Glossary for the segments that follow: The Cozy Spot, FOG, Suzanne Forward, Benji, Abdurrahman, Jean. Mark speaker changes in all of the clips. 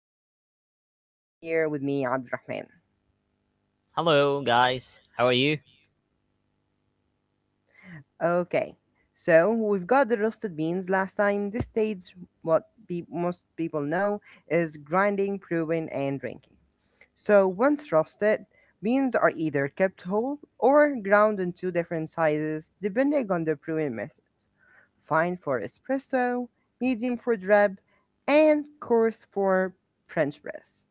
Speaker 1: Ali, and I have here with me Abdurrahman.
Speaker 2: Hello, guys. How are you?
Speaker 1: Okay, so we've got the roasted beans last time. This stage, most people know, is grinding, brewing, and drinking. So once roasted, beans are either kept whole or ground into different sizes depending on the brewing method. Fine for espresso, medium for drab, and coarse for French press.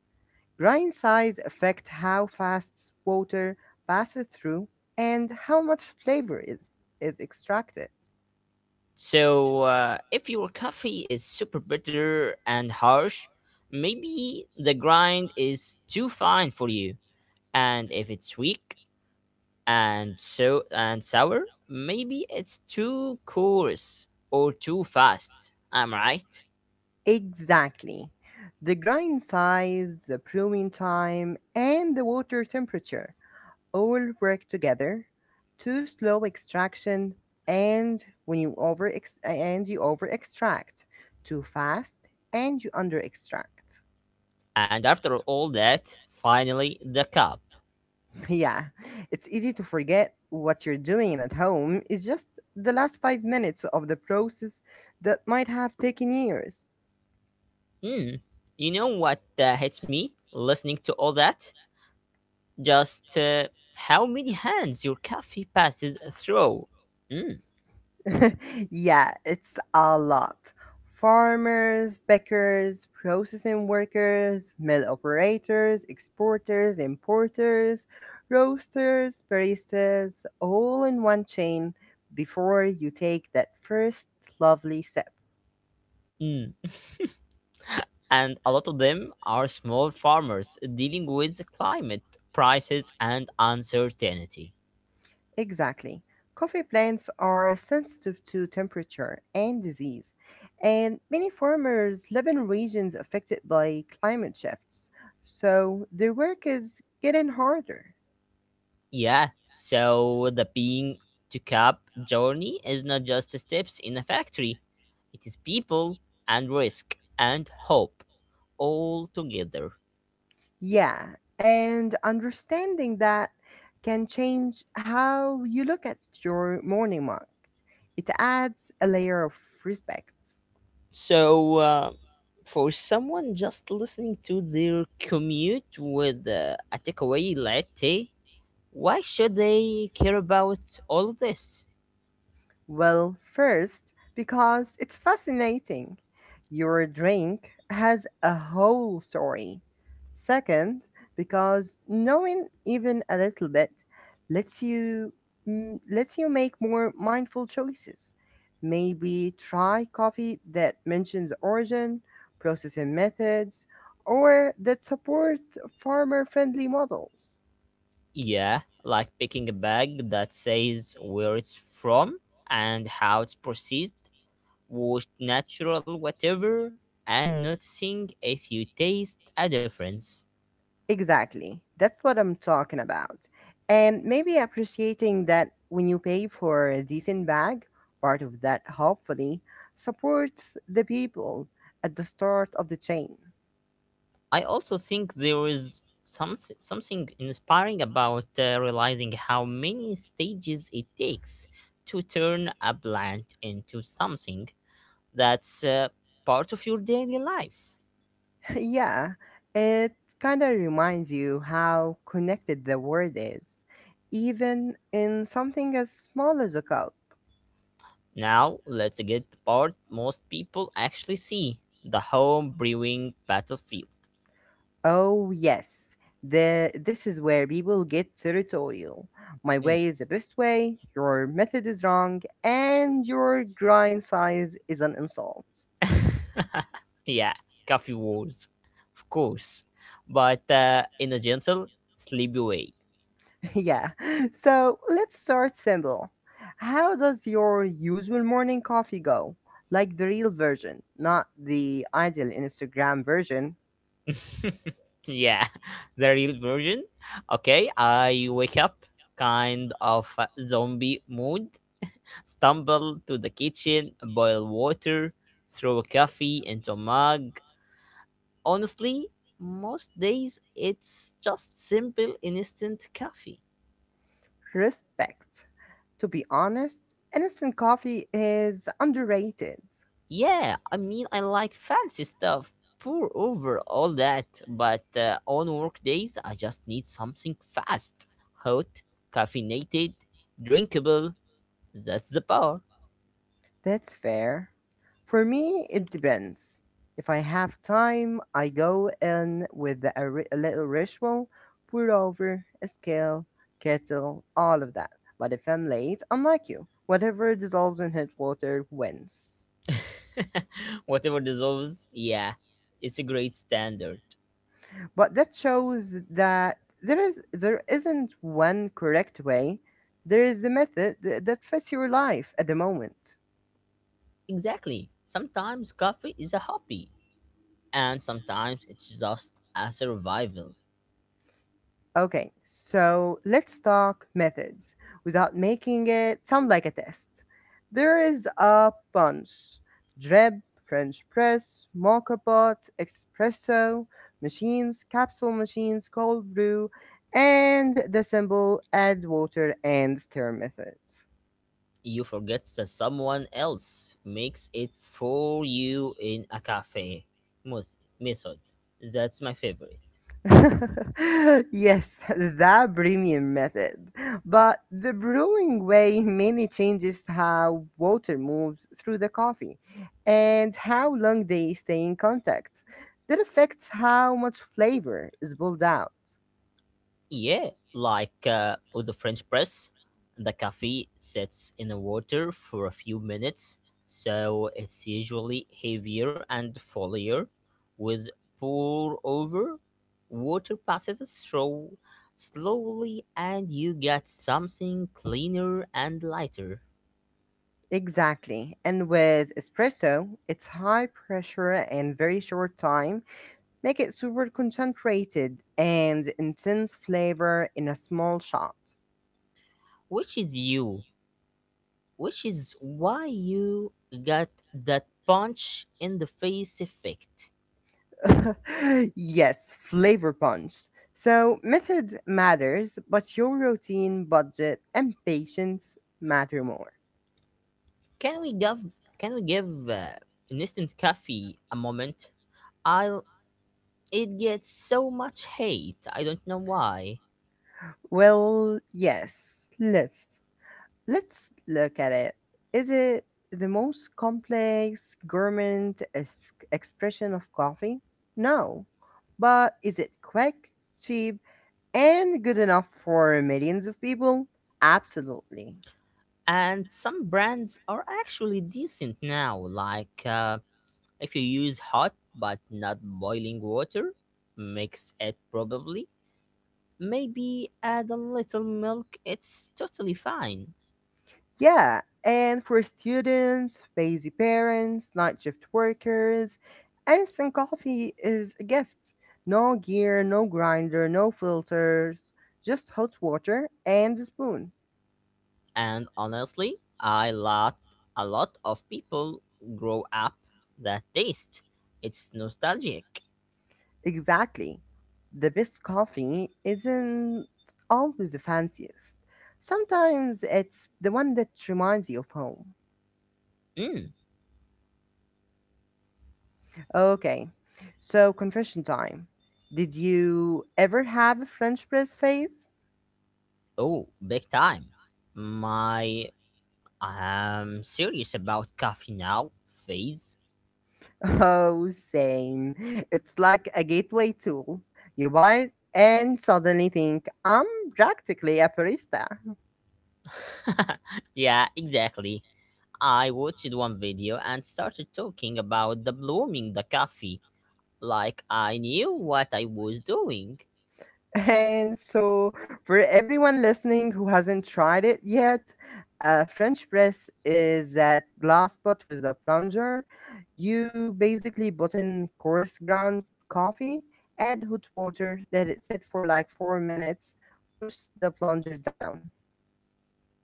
Speaker 1: Grind size affect how fast water passes through and how much flavor is extracted.
Speaker 2: So if your coffee is super bitter and harsh, maybe the grind is too fine for you. And if it's weak and sour, maybe it's too coarse or too fast. I'm right.
Speaker 1: Exactly. The grind size, the blooming time, and the water temperature all work together to slow extraction and when you over ex- and you over extract too fast and you under extract.
Speaker 2: And after all that, finally the cup.
Speaker 1: Yeah. It's easy to forget what you're doing at home. It's just the last 5 minutes of the process that might have taken years.
Speaker 2: Hmm. You know what hits me listening to all that? Just how many hands your coffee passes through. Mm,
Speaker 1: Yeah, it's a lot. Farmers, bakers, processing workers, mill operators, exporters, importers, roasters, baristas, all in one chain before you take that first lovely sip.
Speaker 2: mm. And a lot of them are small farmers dealing with climate, prices, and uncertainty.
Speaker 1: Exactly. Coffee plants are sensitive to temperature and disease, and many farmers live in regions affected by climate shifts, so their work is getting harder.
Speaker 2: Yeah, so the being to cup journey is not just steps in a factory, it is people and risk and hope all together.
Speaker 1: Yeah, and understanding that can change how you look at your morning mug. It adds a layer of respect.
Speaker 2: So, for someone just listening to their commute with a takeaway latte, why should they care about all of this?
Speaker 1: Well, first, because it's fascinating. Your drink has a whole story. Second, because knowing even a little bit lets you lets you make more mindful choices. Maybe try coffee that mentions origin, processing methods, or that support farmer-friendly models.
Speaker 2: Yeah, like picking a bag that says where it's from and how it's processed was natural whatever and noticing if you taste a difference.
Speaker 1: Exactly. That's what I'm talking about. And maybe appreciating that when you pay for a decent bag, part of that hopefully supports the people at the start of the chain.
Speaker 2: I also think there is something inspiring about realizing how many stages it takes to turn a plant into something that's part of your daily life.
Speaker 1: Yeah, it kind of reminds you how connected the world is, even in something as small as a cup.
Speaker 2: Now let's get the part most people actually see the home brewing battlefield.
Speaker 1: Oh, yes. This is where people get territorial. My
Speaker 2: Mm.
Speaker 1: way is the best way, your method is wrong, and your grind size is an insult.
Speaker 2: yeah, coffee wars, of course, but in a gentle, sleepy way.
Speaker 1: Yeah, so let's start simple. How does your usual morning coffee go? Like the real version, not the ideal Instagram version.
Speaker 2: yeah, the real version. Okay, I wake up kind of a zombie mood, stumble to the kitchen, boil water, throw a coffee into a mug. Honestly, most days it's just simple instant coffee.
Speaker 1: Respect. To be honest, instant coffee is underrated.
Speaker 2: Yeah, I mean, I like fancy stuff, pour over all that, but on work days, I just need something fast, hot, caffeinated, drinkable. That's the power.
Speaker 1: That's fair. For me, it depends. If I have time, I go in with a little ritual, pour over, a scale, kettle, all of that. But if I'm late, I'm like you. Whatever dissolves in hot water wins.
Speaker 2: Whatever dissolves, yeah, it's a great standard.
Speaker 1: But that shows that there isn't one correct way. There is a method that fits your life at the moment.
Speaker 2: Exactly. Sometimes coffee is a hobby, and sometimes it's just a survival.
Speaker 1: Okay, so let's talk methods without making it sound like a test. There is a bunch: drip, French press, mocha pot, espresso, machines, capsule machines, cold brew, and the simple add water and stir method.
Speaker 2: You forget that someone else makes it for you in a cafe method. That's my favorite.
Speaker 1: Yes, the premium method. But the brewing way mainly changes how water moves through the coffee and how long they stay in contact. That affects how much flavor is pulled out.
Speaker 2: Yeah, like with the French press, the coffee sits in the water for a few minutes, so it's usually heavier and fuller. With pour over, water passes through slowly, and you get something cleaner and lighter.
Speaker 1: Exactly. And with espresso, it's high pressure and very short time make it super concentrated and intense flavor in a small shot.
Speaker 2: Which is you? Which is why you got that punch in the face effect.
Speaker 1: Yes, flavor punch. So, method matters, but your routine, budget, and patience matter more.
Speaker 2: Can we give instant coffee a moment? I'll It gets so much hate. I don't know why.
Speaker 1: Well, yes, let's look at it. Is it the most complex expression of coffee? No. But is it quick, cheap, and good enough for millions of people? Absolutely.
Speaker 2: And some brands are actually decent now. Like if you use hot but not boiling water, mix it probably. Maybe add a little milk. It's totally fine.
Speaker 1: Yeah, and for students, busy parents, night shift workers, instant coffee is a gift. No gear, no grinder, no filters, just hot water and a spoon.
Speaker 2: And honestly, I lot a lot of people grow up that taste. It's nostalgic.
Speaker 1: Exactly. The best coffee isn't always the fanciest. Sometimes it's the one that reminds you of home.
Speaker 2: Mm.
Speaker 1: Okay, so confession time. Did you ever have a French press phase?
Speaker 2: Oh, big time. My I'm serious about coffee now phase.
Speaker 1: Oh, same. It's like a gateway tool. You buy it and suddenly think, I'm practically a barista.
Speaker 2: yeah, exactly. I watched one video and started talking about the blooming the coffee like I knew what I was doing.
Speaker 1: And so, for everyone listening who hasn't tried it yet, a French press is that glass pot with a plunger. You basically put in coarse ground coffee, add hot water, let it sit for like 4 minutes, push the plunger down.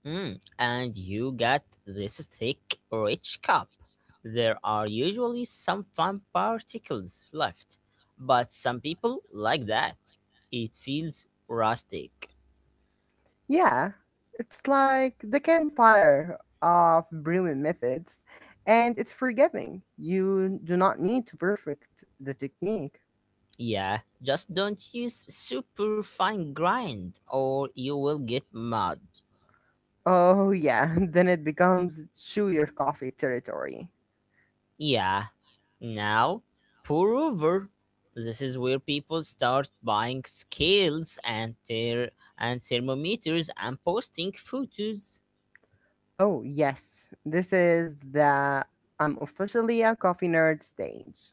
Speaker 2: Mm, and you get this thick, rich cup. There are usually some fine particles left, but some people like that. It feels rustic.
Speaker 1: Yeah, it's like the campfire of brewing methods, and it's forgiving. You do not need to perfect the technique.
Speaker 2: Yeah, just don't use super fine grind or you will get mud.
Speaker 1: Oh, yeah, then it becomes chew your coffee territory.
Speaker 2: Yeah, now pour over. This is where people start buying scales and thermometers and posting photos.
Speaker 1: Oh, yes, this is the I'm officially a coffee nerd stage.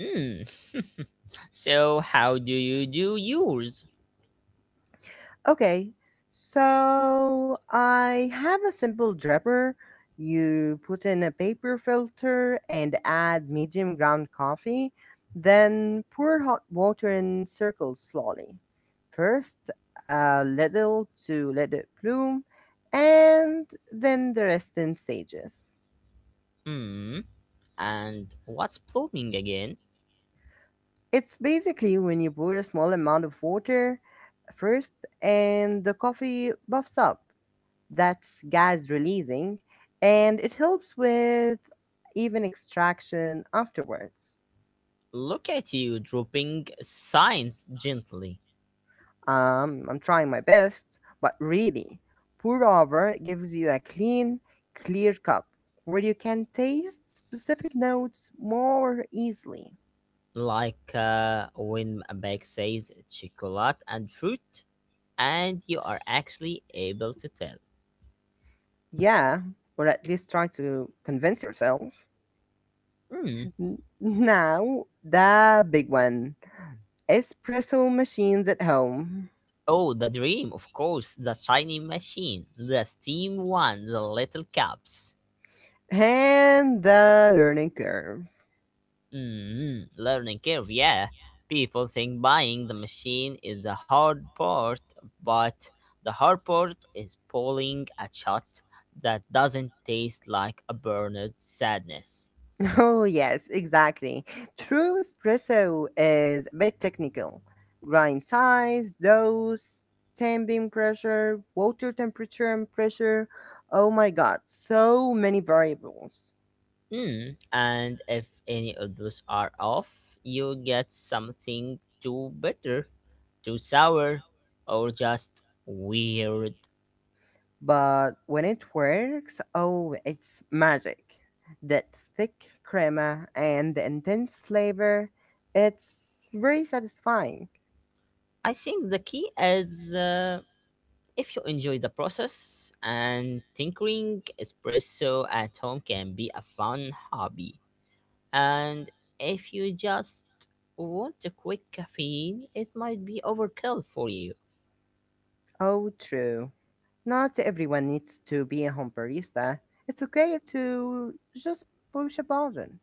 Speaker 2: Mm. so how do you do yours?
Speaker 1: Okay, so I have a simple dripper. You put in a paper filter and add medium ground coffee, then pour hot water in circles slowly. First, a little to let it bloom, and then the rest in stages.
Speaker 2: Mm. And what's plumbing again?
Speaker 1: It's basically when you pour a small amount of water first and the coffee buffs up, that's gas releasing, and it helps with even extraction afterwards.
Speaker 2: Look at you dropping science gently,
Speaker 1: I'm trying my best, but really, pour over gives you a clean, clear cup where you can taste specific notes more easily.
Speaker 2: like when a bag says chocolate and fruit, and you are actually able to tell.
Speaker 1: Yeah, or at least try to convince yourself.
Speaker 2: Mm.
Speaker 1: Now, the big one, espresso machines at home
Speaker 2: Oh, the dream, of course, the shiny machine, the steam one, the little cups.
Speaker 1: and the learning curve.
Speaker 2: Mm, learning curve, yeah. People think buying the machine is the hard part, but the hard part is pulling a shot that doesn't taste like a burned sadness.
Speaker 1: Oh, yes, exactly. True espresso is a bit technical. Grind size, dose, tamping pressure, water temperature and pressure. Oh my god, so many variables.
Speaker 2: Mm, and if any of those are off, you get something too bitter, too sour, or just weird.
Speaker 1: But when it works, oh, it's magic. That thick crema and the intense flavor, it's very satisfying.
Speaker 2: I think the key is. If you enjoy the process and tinkering, espresso at home can be a fun hobby. And if you just want a quick caffeine, it might be overkill for you.
Speaker 1: Oh, true. Not everyone needs to be a home barista. It's okay to just push a button.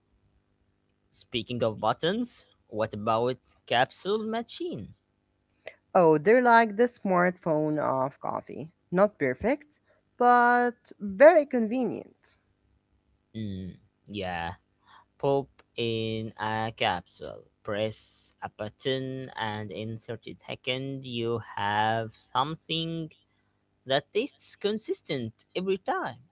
Speaker 2: Speaking of buttons, what about capsule machine?
Speaker 1: Oh, they're like the smartphone of coffee. Not perfect, but very convenient.
Speaker 2: Mm, yeah, pop in a capsule. Press a button, and in 30 seconds, you have something that tastes consistent every time.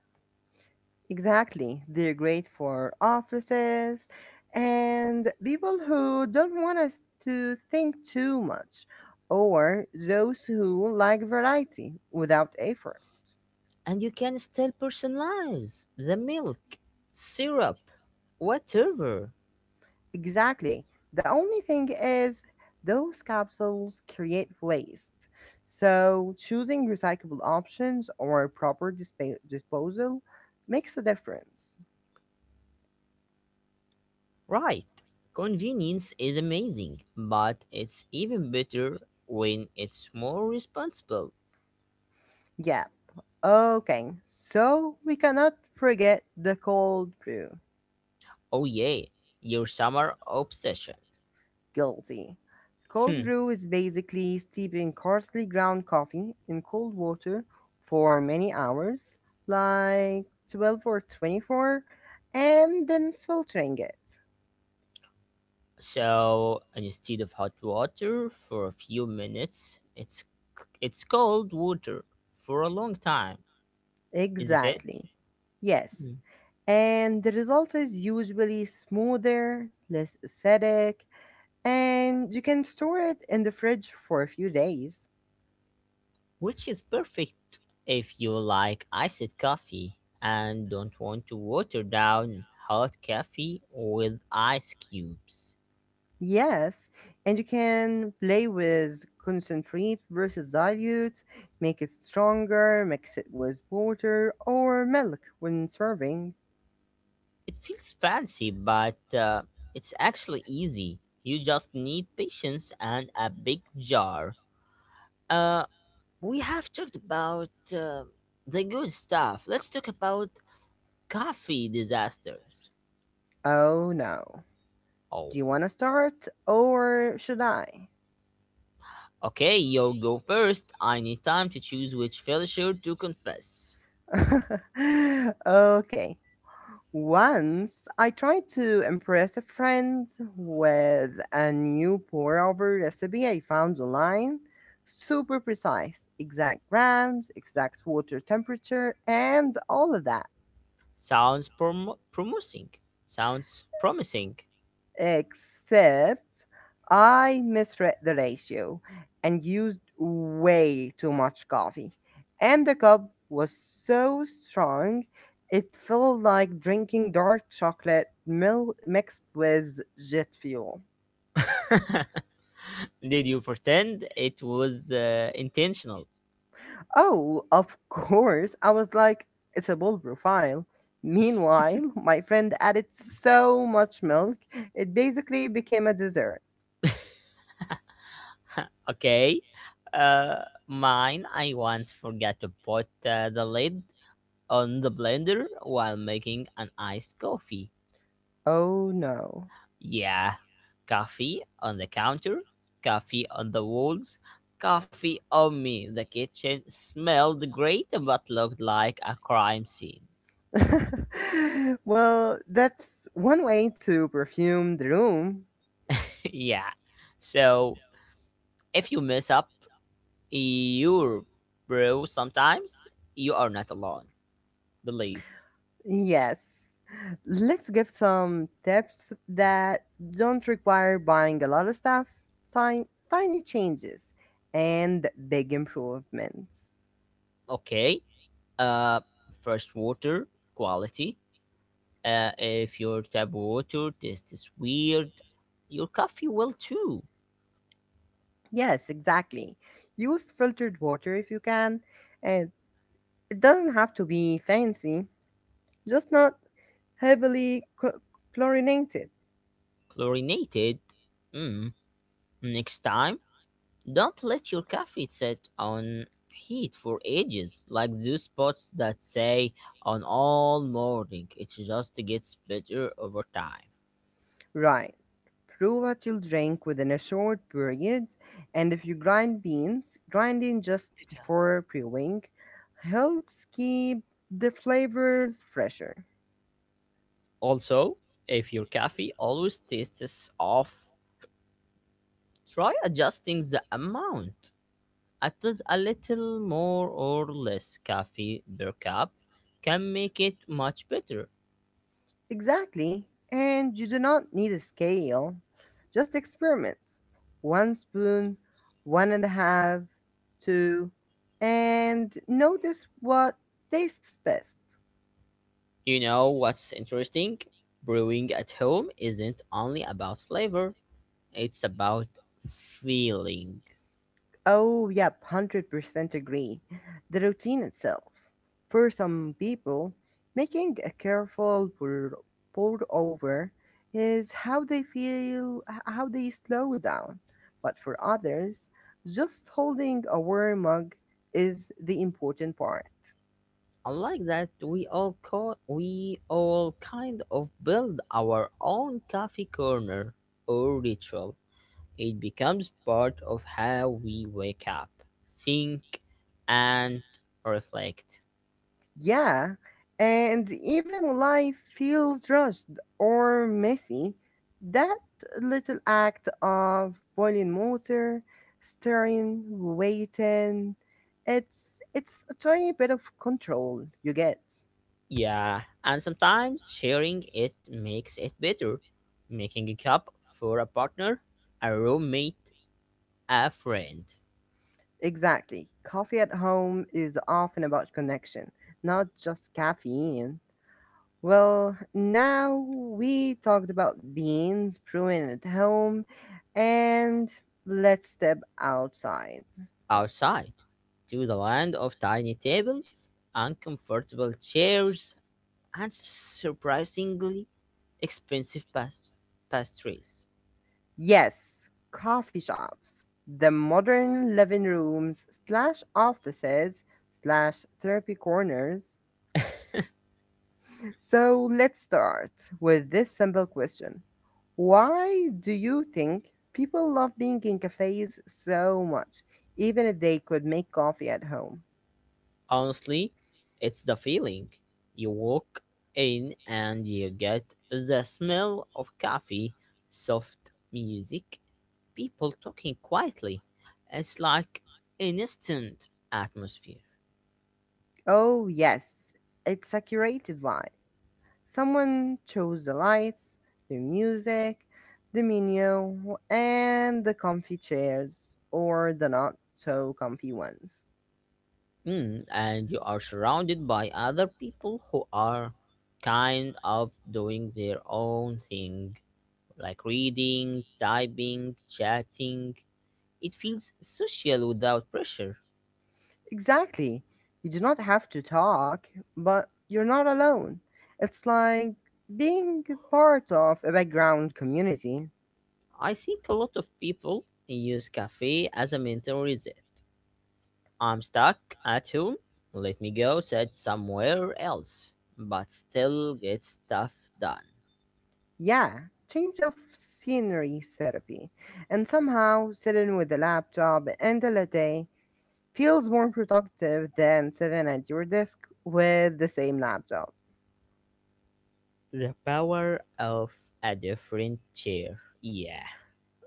Speaker 1: Exactly. They're great for offices and people who don't want us to think too much, or those who like variety without effort.
Speaker 2: And you can still personalize the milk, syrup, whatever.
Speaker 1: Exactly. The only thing is, those capsules create waste. So, choosing recyclable options or disposal makes a difference.
Speaker 2: Right. Convenience is amazing, but it's even better when it's more responsible.
Speaker 1: Yeah. Okay. So, we cannot forget the cold brew.
Speaker 2: Oh, yeah, your summer obsession.
Speaker 1: Guilty. Cold
Speaker 2: Hmm.
Speaker 1: brew is basically steeping coarsely ground coffee in cold water for many hours, like 12 or 24, and then filtering it.
Speaker 2: So instead of hot water for a few minutes, it's it's cold water for a long time. Is it it?
Speaker 1: Exactly. Yes. And the result is usually smoother, less acidic, and you can store it in the fridge for a few days.
Speaker 2: Which is perfect if you like iced coffee and don't want to water down hot coffee with ice cubes.
Speaker 1: Yes, and you can play with concentrate versus dilute, make it stronger, mix it with water or milk when serving.
Speaker 2: It feels fancy, but it's actually easy. You just need patience and a big jar. Uh, we have talked about the good stuff. Let's talk about coffee disasters.
Speaker 1: Oh no. Do
Speaker 2: Oh,
Speaker 1: you want to start or should I?
Speaker 2: okay, you go first. I need time to choose which failure to confess.
Speaker 1: Okay. Once I tried to impress a friend with a new pour over recipe I found online. Super precise, exact grams, exact water temperature, and all of that.
Speaker 2: Sounds prom- promising. Sounds promising.
Speaker 1: Except I misread the ratio and used way too much coffee. And the cup was so strong, it felt like drinking dark chocolate mixed with jet fuel.
Speaker 2: Did you pretend it was intentional?
Speaker 1: Oh, of course. I was like, it's a bold profile. Meanwhile, my friend added so much milk, it basically became a dessert.
Speaker 2: Okay. Mine, I once forgot to put the lid on the blender while making an iced coffee.
Speaker 1: Oh no.
Speaker 2: Yeah, coffee on the counter, coffee on the walls, coffee on me. The kitchen smelled great but looked like a crime scene.
Speaker 1: Well, that's one way to perfume the room.
Speaker 2: yeah. So if you mess up you're bro, sometimes you are not alone. Believe.
Speaker 1: Yes. Let's give some tips that don't require buying a lot of stuff, tiny, tiny changes, and big improvements.
Speaker 2: Okay. Uh First water quality. If your tap water tastes weird, your coffee will too.
Speaker 1: Yes, exactly. Use filtered water if you can, and it doesn't have to be fancy, just not heavily chl- chlorinated.
Speaker 2: Chlorinated. Mm. Next time, don't let your coffee sit on heat for ages like those spots that say on all morning it just gets better over time.
Speaker 1: Right. Prove what you'll drink within a short period, and if you grind beans, grinding just before brewing helps keep the flavors fresher.
Speaker 2: Also, if your coffee always tastes off, try adjusting the amount. Add a little more or less coffee per cup can make it much better.
Speaker 1: Exactly. And you do not need a scale. Just experiment. One spoon, one and a half, two, and notice what tastes best.
Speaker 2: You know what's interesting? Brewing at home isn't only about flavor, it's about feeling.
Speaker 1: Oh, yep, 100% agree. The routine itself. For some people, making pour over is how they slow down. But for others, just holding a warm mug is the important part.
Speaker 2: Unlike that we all kind of build our own coffee corner or ritual. It becomes part of how we wake up, think, and reflect.
Speaker 1: Yeah, and even when life feels rushed or messy, that little act of boiling water, stirring, waiting, it's a tiny bit of control you get.
Speaker 2: Yeah, and sometimes sharing it makes it better. Making a cup for a partner, a roommate, a friend.
Speaker 1: Exactly. Coffee at home is often about connection, not just caffeine. Well, now we talked about beans brewing at home and let's step outside.
Speaker 2: Outside, to the land of tiny tables, uncomfortable chairs, and surprisingly expensive pastries.
Speaker 1: Yes, coffee shops, the modern living rooms slash offices slash therapy corners. So let's start with this simple question. Why do you think people love being in cafes so much, even if they could make coffee at home?
Speaker 2: Honestly, it's the feeling. You walk in and you get the smell of coffee, soft music, people talking quietly. It's like an instant atmosphere.
Speaker 1: Oh, yes, it's a curated vibe. Someone chose the lights, the music, the menu, and the comfy chairs, or the not so comfy ones.
Speaker 2: Mm, and you are surrounded by other people who are kind of doing their own thing, like reading, typing, chatting. It feels social without pressure.
Speaker 1: Exactly. You do not have to talk, but you're not alone. It's like being part of a background community.
Speaker 2: I think a lot of people use cafe as a mental reset. I'm stuck at home. Let me go set somewhere else, but still get stuff done.
Speaker 1: Yeah, change of scenery therapy. And somehow, sitting with a laptop and a latte feels more productive than sitting at your desk with the same laptop.
Speaker 2: The power of a different chair. Yeah.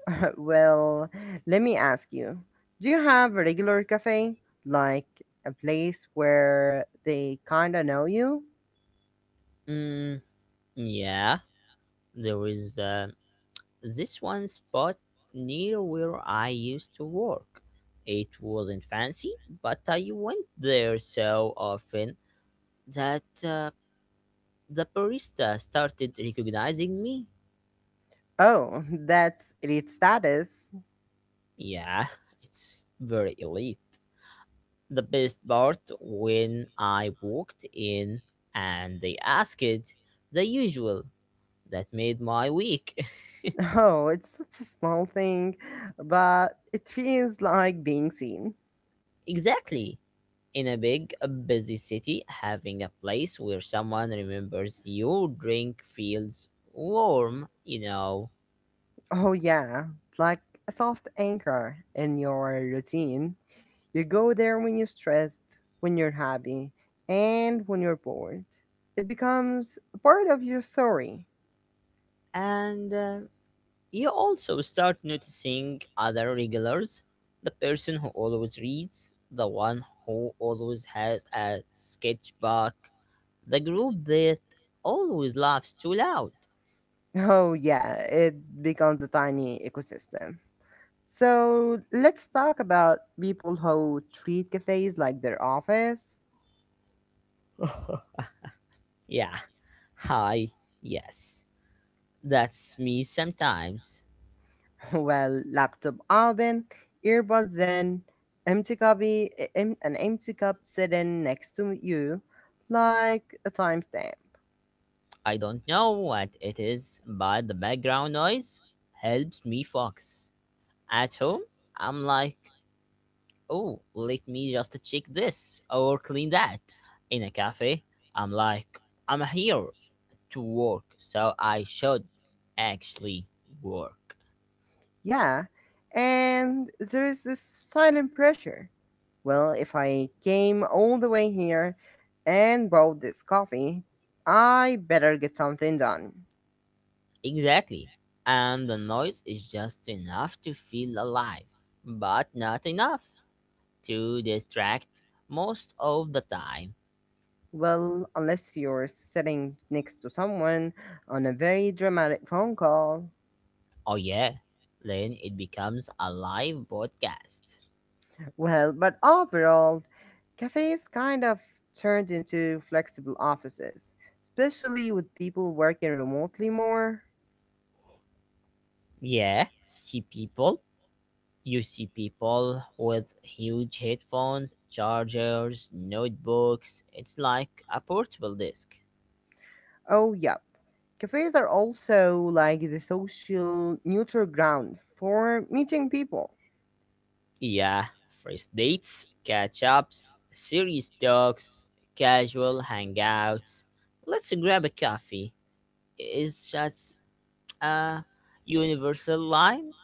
Speaker 1: Well, let me ask you, do you have a regular cafe? Like a place where they kinda know you?
Speaker 2: Mm, yeah. There is this one spot near where I used to work. It wasn't fancy, but I went there so often that the barista started recognizing me.
Speaker 1: Oh, that's elite status.
Speaker 2: Yeah, it's very elite. The best part when I walked in and they asked the usual. That made my week.
Speaker 1: Oh, it's such a small thing, but it feels like being seen.
Speaker 2: exactly. In a big, busy city, having a place where someone remembers your drink feels warm, you know.
Speaker 1: Oh, yeah, like a soft anchor in your routine. You go there when you're stressed, when you're happy, and when you're bored. It becomes a part of your story.
Speaker 2: And you also start noticing other regulars the person who always reads, the one who always has a sketchbook, the group that always laughs too loud.
Speaker 1: Oh, yeah, it becomes a tiny ecosystem. So let's talk about people who treat cafes like their office.
Speaker 2: Yeah, hi, yes. That's me sometimes.
Speaker 1: Well, laptop open, earbuds in, an empty cup sitting next to you, like a timestamp.
Speaker 2: I don't know what it is, but the background noise helps me focus. At home, I'm like, oh, let me just check this or clean that. In a cafe, I'm like, I'm here to work, so I should actually work.
Speaker 1: Yeah, and there is this silent pressure. Well, if I came all the way here and bought this coffee, I better get something done.
Speaker 2: Exactly. And the noise is just enough to feel alive, but not enough to distract most of the time.
Speaker 1: Well, unless you're sitting next to someone on a very dramatic phone call.
Speaker 2: Oh, yeah. Then it becomes a live podcast.
Speaker 1: Well, but overall, cafes kind of turned into flexible offices, especially with people working remotely more.
Speaker 2: Yeah, see people? You see people with huge headphones, chargers, notebooks. It's like a portable desk.
Speaker 1: Oh, yep. Cafes are also like the social neutral ground for meeting people.
Speaker 2: Yeah, first dates, catch ups, serious talks, casual hangouts. Let's grab a coffee. It's just a universal line.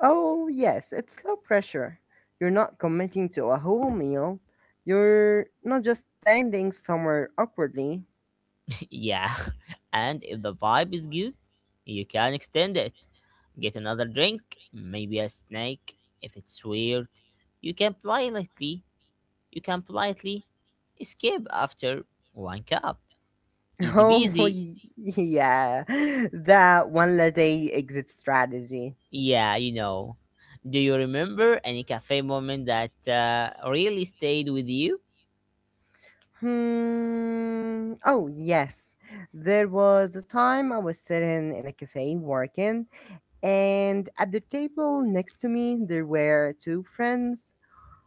Speaker 1: Oh, yes, it's low pressure. You're not committing to a whole meal. You're not just standing somewhere awkwardly.
Speaker 2: yeah, and if the vibe is good, you can extend it. Get another drink, maybe a snack if it's weird. You can play lightly You can politely skip after one cup. Easy
Speaker 1: Oh,
Speaker 2: peasy.
Speaker 1: yeah, that one latte exit strategy.
Speaker 2: Yeah, you know. Do you remember any cafe moment that really stayed with you?
Speaker 1: Hmm. Oh, yes. There was a time I was sitting in a cafe working, and at the table next to me, there were two friends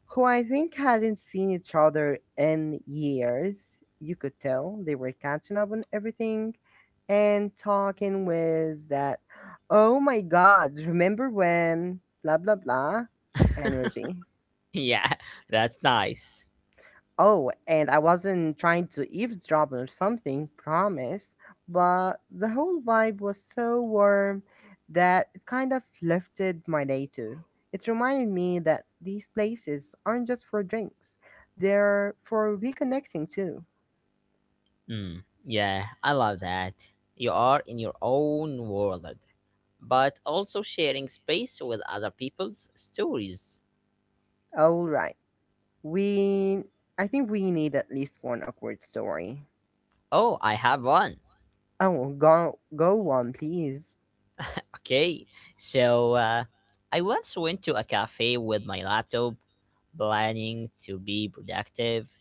Speaker 1: who I think hadn't seen each other in years. You could tell they were catching up on everything and talking with that, oh my God, remember when blah blah blah energy.
Speaker 2: Yeah, that's nice.
Speaker 1: Oh, and I wasn't trying to eavesdrop or something, promise, but the whole vibe was so warm that it kind of lifted my day too. It reminded me that these places aren't just for drinks, they're for reconnecting too.
Speaker 2: Mm, yeah, I love that. You are in your own world, but also sharing space with other people's stories.
Speaker 1: All right, we. I think we need at least one awkward story.
Speaker 2: Oh, I have one.
Speaker 1: Oh, go go on, please.
Speaker 2: Okay, so I once went to a cafe with my laptop, planning to be productive.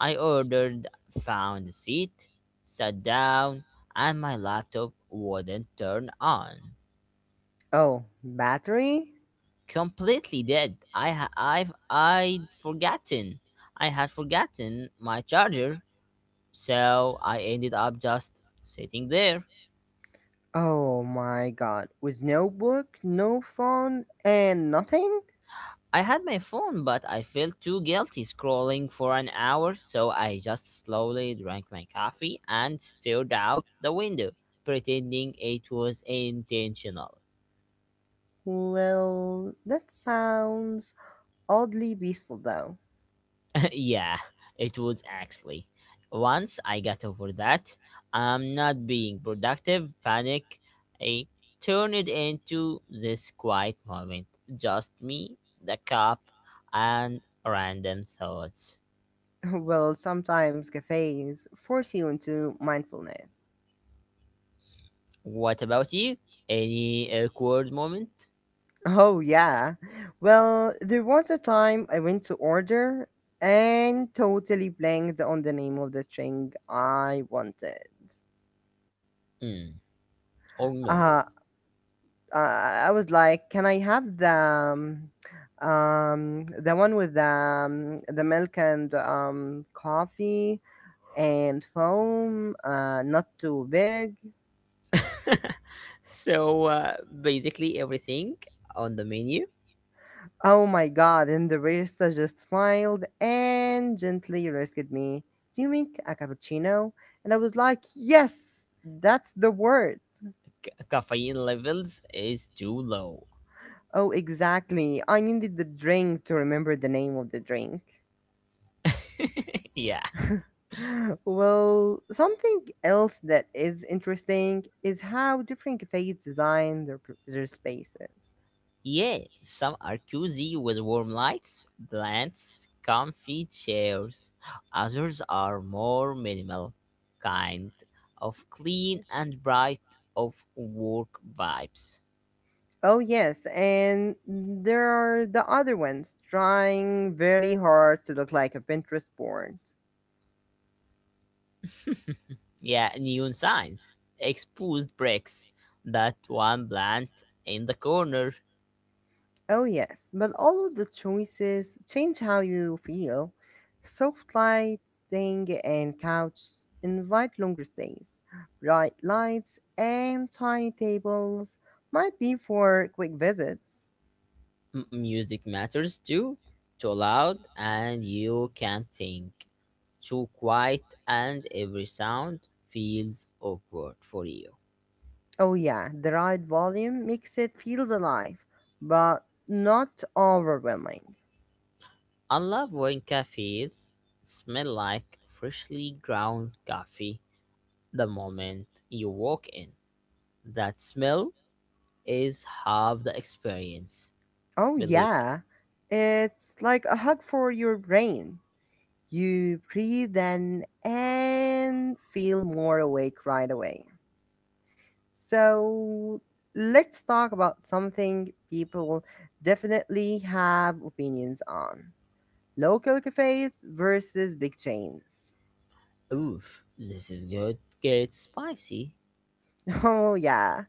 Speaker 2: I ordered, found a seat, sat down, and my laptop wouldn't turn on.
Speaker 1: Oh, battery?
Speaker 2: Completely dead. I'd forgotten. I had forgotten my charger, so I ended up just sitting there
Speaker 1: Oh my god. With no book, no phone, and nothing?
Speaker 2: I had my phone, but I felt too guilty scrolling for an hour, so I just slowly drank my coffee and stared out the window, pretending it was intentional.
Speaker 1: Well, that sounds oddly peaceful though.
Speaker 2: yeah, it was actually. Once I got over that, I'm not being productive, panic, I turned it into this quiet moment. Just me, the cup, and random thoughts.
Speaker 1: Well, sometimes cafes force you into mindfulness.
Speaker 2: What about you? Any awkward moment?
Speaker 1: Oh yeah. Well, there was a time I went to order and totally blanked on the name of the thing I wanted.
Speaker 2: Mm, or no?
Speaker 1: Uh I was like, "Can I have the one with the milk and coffee and foam, not too big?"
Speaker 2: So basically, everything on the menu,
Speaker 1: Oh my god! And the barista just smiled and gently rescued me. Do you make a cappuccino? And I was like, "Yes, that's the word."
Speaker 2: c- caffeine levels is too low.
Speaker 1: Oh, exactly. I needed the drink to remember the name of the drink.
Speaker 2: yeah.
Speaker 1: Well, something else that is interesting is how different cafes design their spaces.
Speaker 2: Yeah, some are cozy with warm lights, plants, comfy chairs. Others are more minimal, kind of clean and bright of work vibes.
Speaker 1: Oh yes, and there are the other ones trying very hard to look like a Pinterest board.
Speaker 2: Yeah, neon signs, exposed bricks, that one plant in the corner.
Speaker 1: Oh, yes, but all of the choices change how you feel. Soft lighting and couch invite longer stays. Bright lights and tiny tables might be for quick visits.
Speaker 2: Music matters too. Too loud and you can't think. Too quiet and every sound feels awkward for you.
Speaker 1: Oh, yeah, the right volume makes it feels alive, but not overwhelming.
Speaker 2: I love when cafes smell like freshly ground coffee the moment you walk in. That smell is half the experience,
Speaker 1: Oh,
Speaker 2: believe.
Speaker 1: yeah, it's like a hug for your brain. You breathe in and feel more awake right away. So let's talk about something people definitely have opinions on: local cafes versus big chains.
Speaker 2: Oof, this is good. Get spicy.
Speaker 1: Oh, yeah.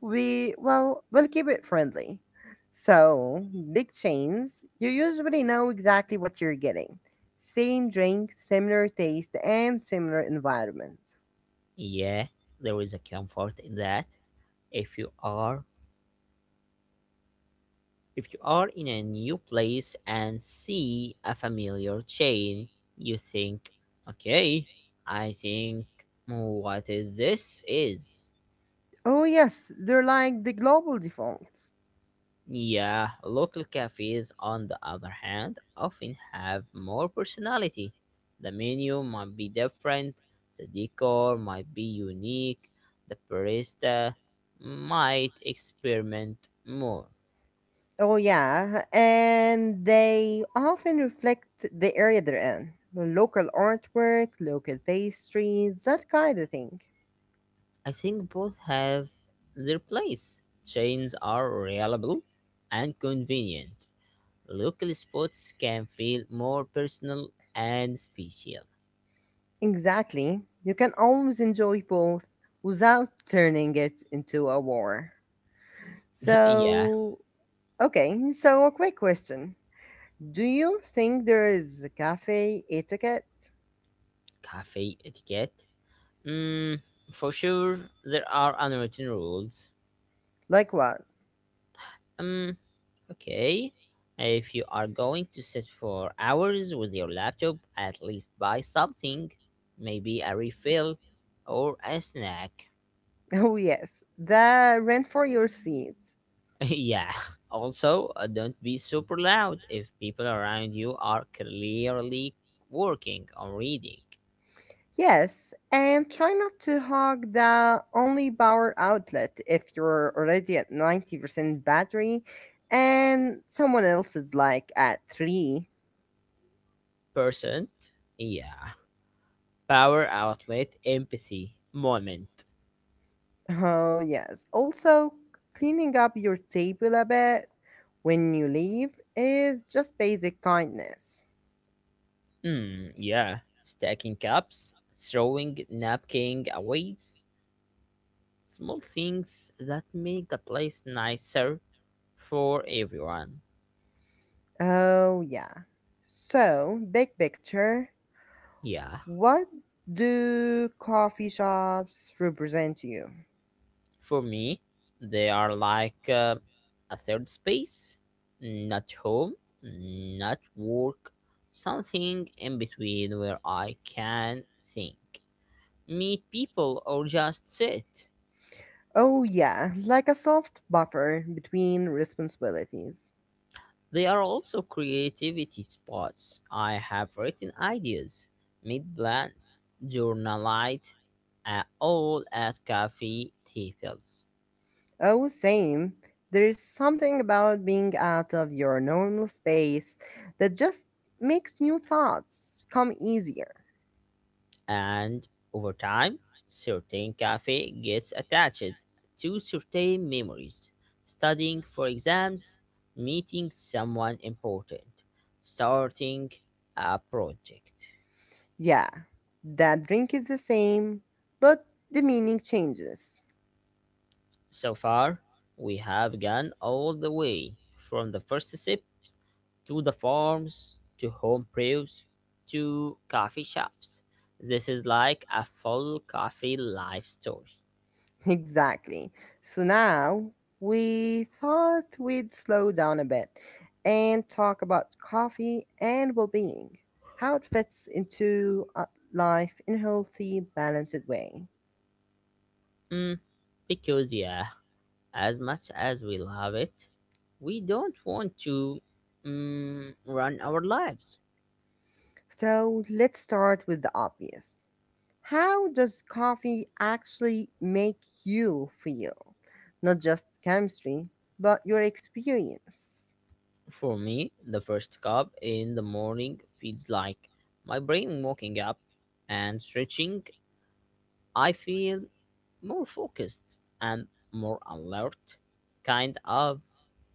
Speaker 1: Well, we'll keep it friendly. So, big chains, you usually know exactly what you're getting. Same drink, similar taste, and similar environment.
Speaker 2: Yeah, there is a comfort in that. If you are if you are in a new place and see a familiar chain, you think, okay, I think what is this is.
Speaker 1: Oh, yes, they're like the global default.
Speaker 2: Yeah, local cafes, on the other hand, often have more personality. The menu might be different, the decor might be unique, the barista might experiment more.
Speaker 1: Oh yeah, and they often reflect the area they're in. Local artwork, local pastries, that kind of thing.
Speaker 2: I think both have their place. Chains are reliable and convenient. Local spots can feel more personal and special.
Speaker 1: Exactly. You can always enjoy both without turning it into a war.
Speaker 2: yeah,
Speaker 1: So, okay, so a quick question. Do you think there is a cafe etiquette?
Speaker 2: cafe etiquette. Mm, for sure, there are unwritten rules.
Speaker 1: Like what?
Speaker 2: Um, okay. If you are going to sit for hours with your laptop, at least buy something. Maybe a refill or a snack.
Speaker 1: Oh yes, the rent for your seat.
Speaker 2: yeah. Also, don't be super loud if people around you are clearly working on reading.
Speaker 1: Yes, and try not to hog the only power outlet if you're already at 90% battery and someone else is like at 3.
Speaker 2: Percent. Yeah. Power outlet empathy moment.
Speaker 1: Oh, yes. Also, cleaning up your table a bit when you leave is just basic kindness.
Speaker 2: Mm, yeah, stacking cups, throwing napkin away, small things that make the place nicer for everyone.
Speaker 1: Oh, yeah. So, big picture,
Speaker 2: Yeah,
Speaker 1: what do coffee shops represent to you?
Speaker 2: for me, they are like a third space, not home, not work, something in between where I can think, meet people, or just sit.
Speaker 1: Oh, yeah, like a soft buffer between responsibilities.
Speaker 2: They are also creativity spots. I have written ideas, made plans, journaled, all at cafe tables.
Speaker 1: Oh, same. There's something about being out of your normal space that just makes new thoughts come easier.
Speaker 2: And over time, certain cafe gets attached to certain memories. Studying for exams, meeting someone important, starting a project.
Speaker 1: Yeah, that drink is the same, but the meaning changes.
Speaker 2: So far, we have gone all the way from the first sips to the farms to home brews to coffee shops. This is like a full coffee life story.
Speaker 1: Exactly. So now we thought we'd slow down a bit and talk about coffee and well being, how it fits into life in a healthy, balanced way.
Speaker 2: Mm, because, yeah, as much as we love it, we don't want to run our lives.
Speaker 1: So let's start with the obvious. How does coffee actually make you feel? Not just chemistry, but your experience.
Speaker 2: For me, the first cup in the morning feels like my brain waking up and stretching. I feel more focused and more alert, kind of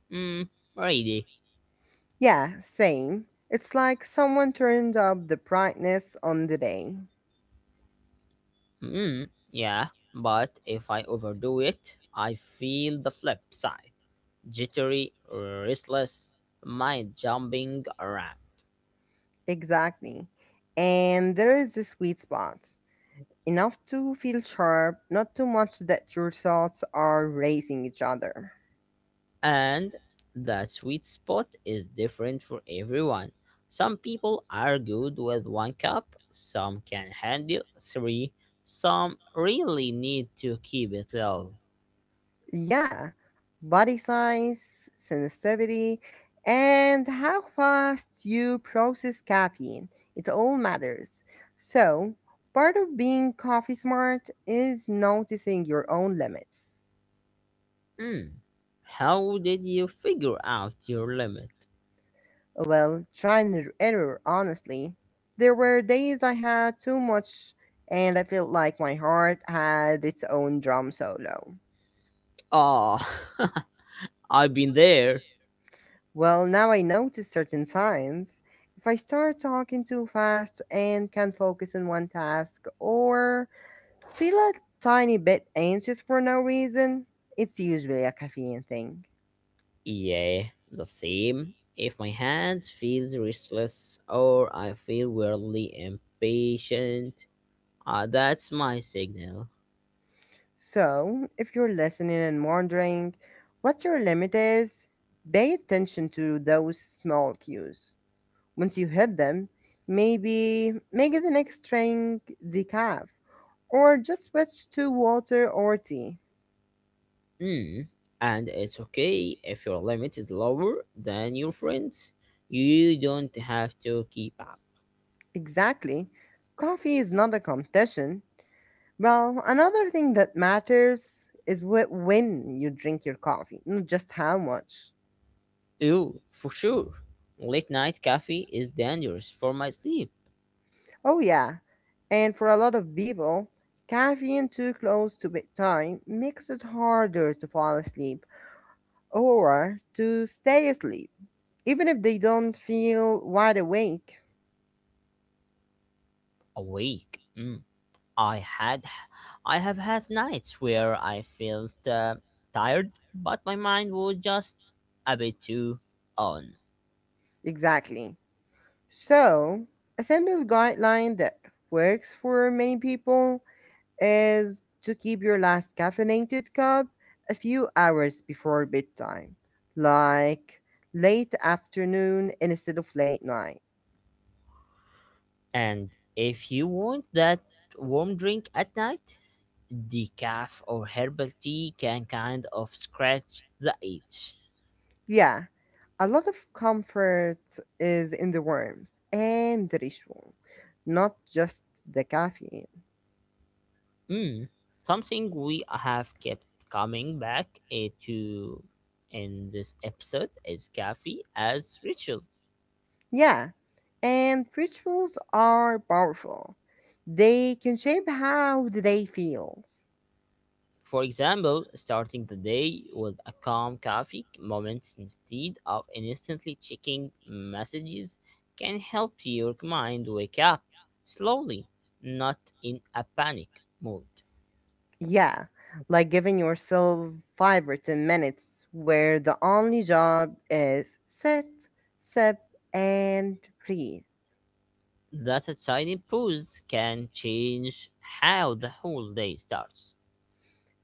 Speaker 2: mm, ready.
Speaker 1: Yeah, same. It's like someone turned up the brightness on the day.
Speaker 2: Mm, yeah, but if I overdo it, I feel the flip side, jittery, restless, mind jumping around.
Speaker 1: Exactly. And there is a sweet spot. Enough to feel sharp, not too much that your thoughts are racing each other.
Speaker 2: And that sweet spot is different for everyone. Some people are good with one cup, some can handle three, some really need to keep it low.
Speaker 1: Yeah, body size, sensitivity, and how fast you process caffeine. It all matters. So, part of being coffee smart is noticing your own limits.
Speaker 2: Mm. How did you figure out your limit?
Speaker 1: Well, try and error, honestly. There were days I had too much and I felt like my heart had its own drum solo.
Speaker 2: Ah, I've been there.
Speaker 1: Well, now I notice certain signs. If I start talking too fast and can't focus on one task or feel a tiny bit anxious for no reason, it's usually a caffeine thing.
Speaker 2: Yeah, the same. If my hands feels restless or I feel weirdly impatient, that's my signal.
Speaker 1: So, if you're listening and wondering what your limit is, pay attention to those small cues. Once you hit them, maybe make the next drink decaf or just switch to water or tea.
Speaker 2: Mm. And it's okay if your limit is lower than your friends. You don't have to keep up.
Speaker 1: Exactly. Coffee is not a competition. Well, another thing that matters is when you drink your coffee, not just how much.
Speaker 2: Ew, for sure. Late night coffee is dangerous for my sleep.
Speaker 1: Oh, yeah. And for a lot of people, caffeine too close to bedtime makes it harder to fall asleep or to stay asleep, even if they don't feel wide awake.
Speaker 2: Awake. Mm. I had, I have had nights where I felt tired, but my mind was just a bit too on.
Speaker 1: Exactly. So, a simple guideline that works for many people is to keep your last caffeinated cup a few hours before bedtime, like late afternoon instead of late night.
Speaker 2: And if you want that warm drink at night, decaf or herbal tea can kind of scratch the itch.
Speaker 1: Yeah, a lot of comfort is in the worms and the ritual, not just the caffeine.
Speaker 2: Mm, something we have kept coming back to in this episode is coffee as ritual.
Speaker 1: Yeah, and rituals are powerful. They can shape how the day feels.
Speaker 2: For example, starting the day with a calm coffee moment instead of instantly checking messages can help your mind wake up slowly, not in a panic mood.
Speaker 1: Yeah, like giving yourself 5 or 10 minutes where the only job is sit, sip, and breathe.
Speaker 2: That a tiny pause can change how the whole day starts.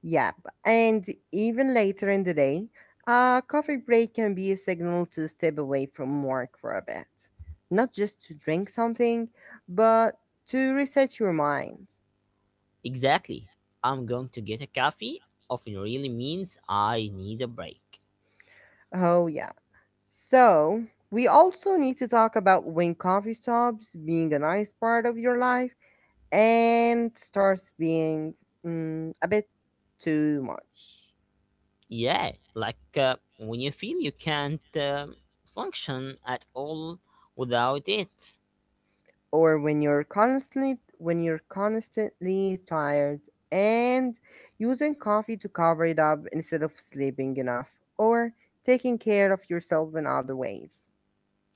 Speaker 1: Yep, and even later in the day, a coffee break can be a signal to step away from work for a bit. Not just to drink something, but to reset your mind.
Speaker 2: Exactly. I'm going to get a coffee often really means I need a break.
Speaker 1: Oh, yeah. So, we also need to talk about when coffee stops being a nice part of your life and starts being a bit too much.
Speaker 2: Yeah, like when you feel you can't function at all without it.
Speaker 1: Or when you're constantly tired and using coffee to cover it up instead of sleeping enough or taking care of yourself in other ways.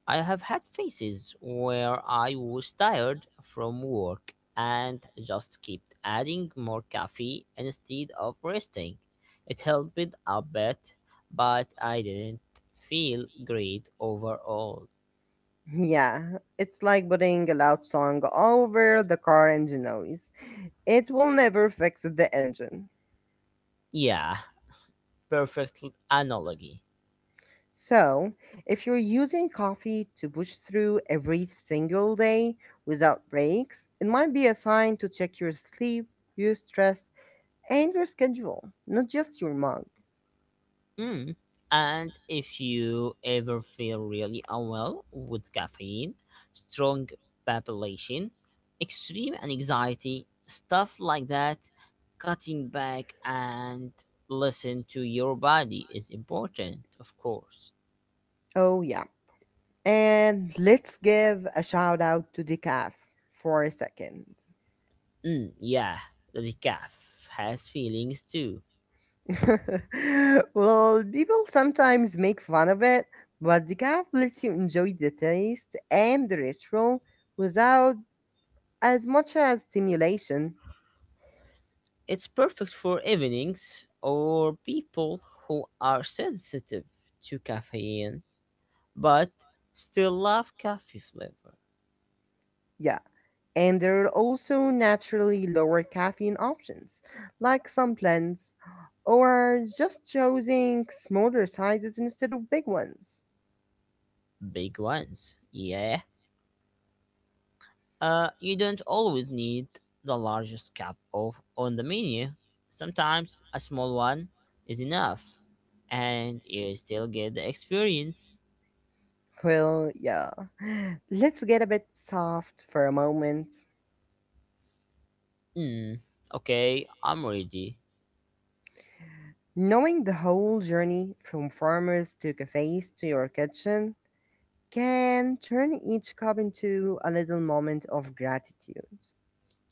Speaker 2: I have had phases where I was tired from work and just kept adding more coffee instead of resting. It helped a bit, but I didn't feel great overall.
Speaker 1: Yeah, it's like putting a loud song over the car engine noise. It will never fix the engine.
Speaker 2: Yeah, perfect analogy.
Speaker 1: So, if you're using coffee to push through every single day without breaks, it might be a sign to check your sleep, your stress, and your schedule, not just your mug.
Speaker 2: Mm. And if you ever feel really unwell with caffeine, strong palpitation, extreme anxiety, stuff like that, cutting back and listen to your body is important, of course.
Speaker 1: Oh, yeah. And let's give a shout out to decaf for a second.
Speaker 2: Mm, yeah, the decaf has feelings too.
Speaker 1: Well, people sometimes make fun of it, but decaf lets you enjoy the taste and the ritual without as much as stimulation.
Speaker 2: It's perfect for evenings or people who are sensitive to caffeine but still love coffee flavor.
Speaker 1: Yeah. And there are also naturally lower caffeine options, like some blends, or just choosing smaller sizes instead of big ones.
Speaker 2: Big ones, yeah. You don't always need the largest cup of on the menu. Sometimes a small one is enough, and you still get the experience.
Speaker 1: Well, yeah. Let's get a bit soft for a moment.
Speaker 2: Hmm. Okay, I'm ready.
Speaker 1: Knowing the whole journey from farmers to cafes to your kitchen can turn each cup into a little moment of gratitude.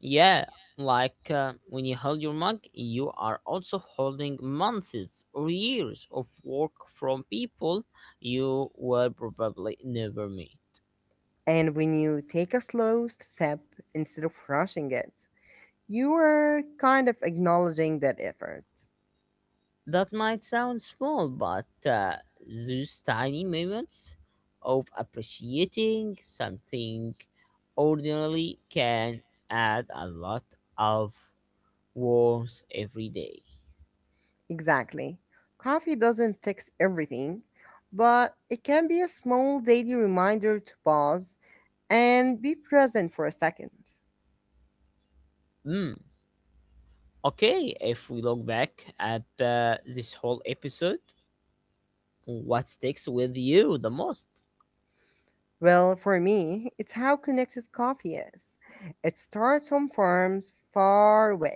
Speaker 2: Yeah, like when you hold your mug, you are also holding months or years of work from people you will probably never meet.
Speaker 1: And when you take a slow step instead of rushing it, you are kind of acknowledging that effort.
Speaker 2: That might sound small, but those tiny moments of appreciating something ordinarily can add a lot of warmth every day.
Speaker 1: Exactly. Coffee doesn't fix everything, but it can be a small daily reminder to pause and be present for a second.
Speaker 2: Hmm. Okay, if we look back at this whole episode, what sticks with you the most?
Speaker 1: Well, for me, it's how connected coffee is. It starts on farms far away,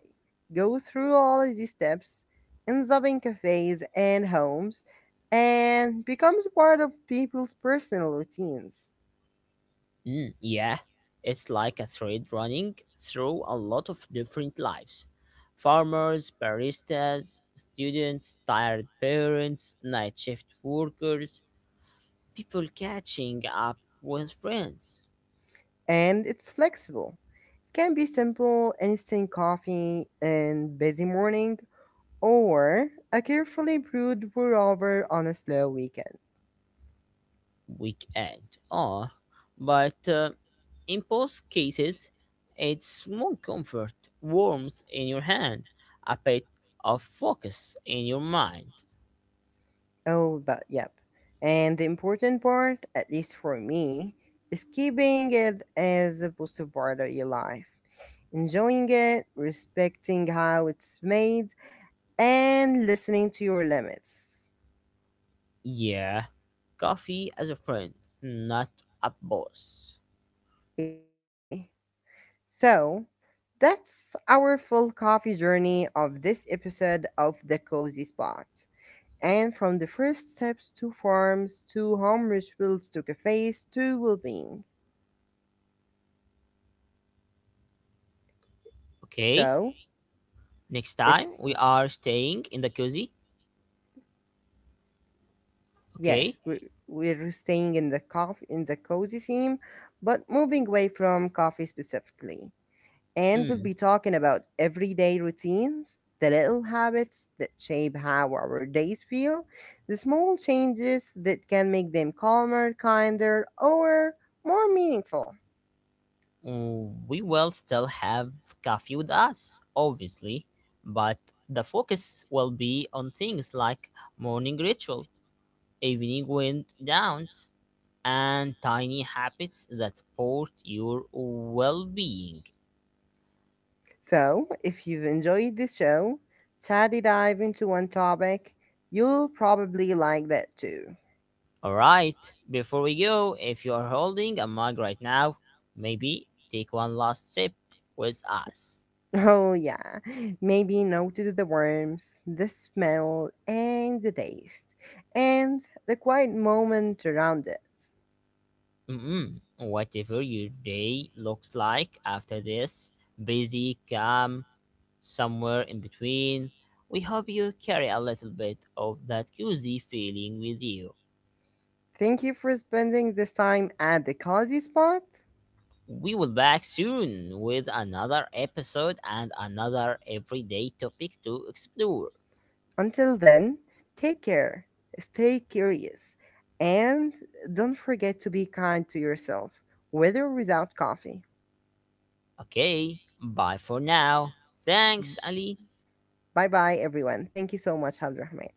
Speaker 1: go through all these steps, ends up in cafes and homes, and becomes part of people's personal routines.
Speaker 2: Mm, yeah, it's like a thread running through a lot of different lives, farmers, baristas, students, tired parents, night shift workers, people catching up with friends,
Speaker 1: And it's flexible. It can be simple instant coffee and busy morning, or a carefully brewed pour over on a slow weekend.
Speaker 2: weekend. Oh, but in both cases, it's more comfort, warmth in your hand, a bit of focus in your mind.
Speaker 1: Oh, but yep. And the important part, at least for me, is keeping it as a positive part of your life. Enjoying it, respecting how it's made, and listening to your limits.
Speaker 2: Yeah, coffee as a friend, not a boss.
Speaker 1: Exactly. So, that's our full coffee journey of this episode of The Cozy Spot. And from the first steps to farms, to home rituals, to cafes, to well being.
Speaker 2: Okay,
Speaker 1: So,
Speaker 2: next
Speaker 1: if
Speaker 2: time we are staying in the cozy.
Speaker 1: yes,
Speaker 2: Okay,
Speaker 1: we're staying in the coffee in the cozy theme, but moving away from coffee specifically. And we'll
Speaker 2: mm.
Speaker 1: be talking about everyday routines, the little habits that shape how our days feel, the small changes that can make them calmer, kinder, or more meaningful.
Speaker 2: Mm, we will still have coffee with us, obviously, but the focus will be on things like morning ritual, evening wind downs, and tiny habits that support your well being.
Speaker 1: So, if you've enjoyed this show, chatty dive into one topic, you'll probably like that too.
Speaker 2: All right, before we go, if you are holding a mug right now, maybe take one last sip with us.
Speaker 1: Oh, yeah. Maybe note to the worms, the smell, and the taste, and the quiet moment around it.
Speaker 2: Mm-mm. Whatever your day looks like after this, busy, calm, somewhere in between, we hope you carry a little bit of that cozy feeling with you.
Speaker 1: Thank you for spending this time at the cozy spot.
Speaker 2: We will be back soon with another episode and another everyday topic to explore.
Speaker 1: Until then, take care, stay curious, and don't forget to be kind to yourself, with or without coffee.
Speaker 2: Okay, bye for now. Thanks, Ali.
Speaker 1: Bye bye, everyone. Thank you so much, Abdurrahman.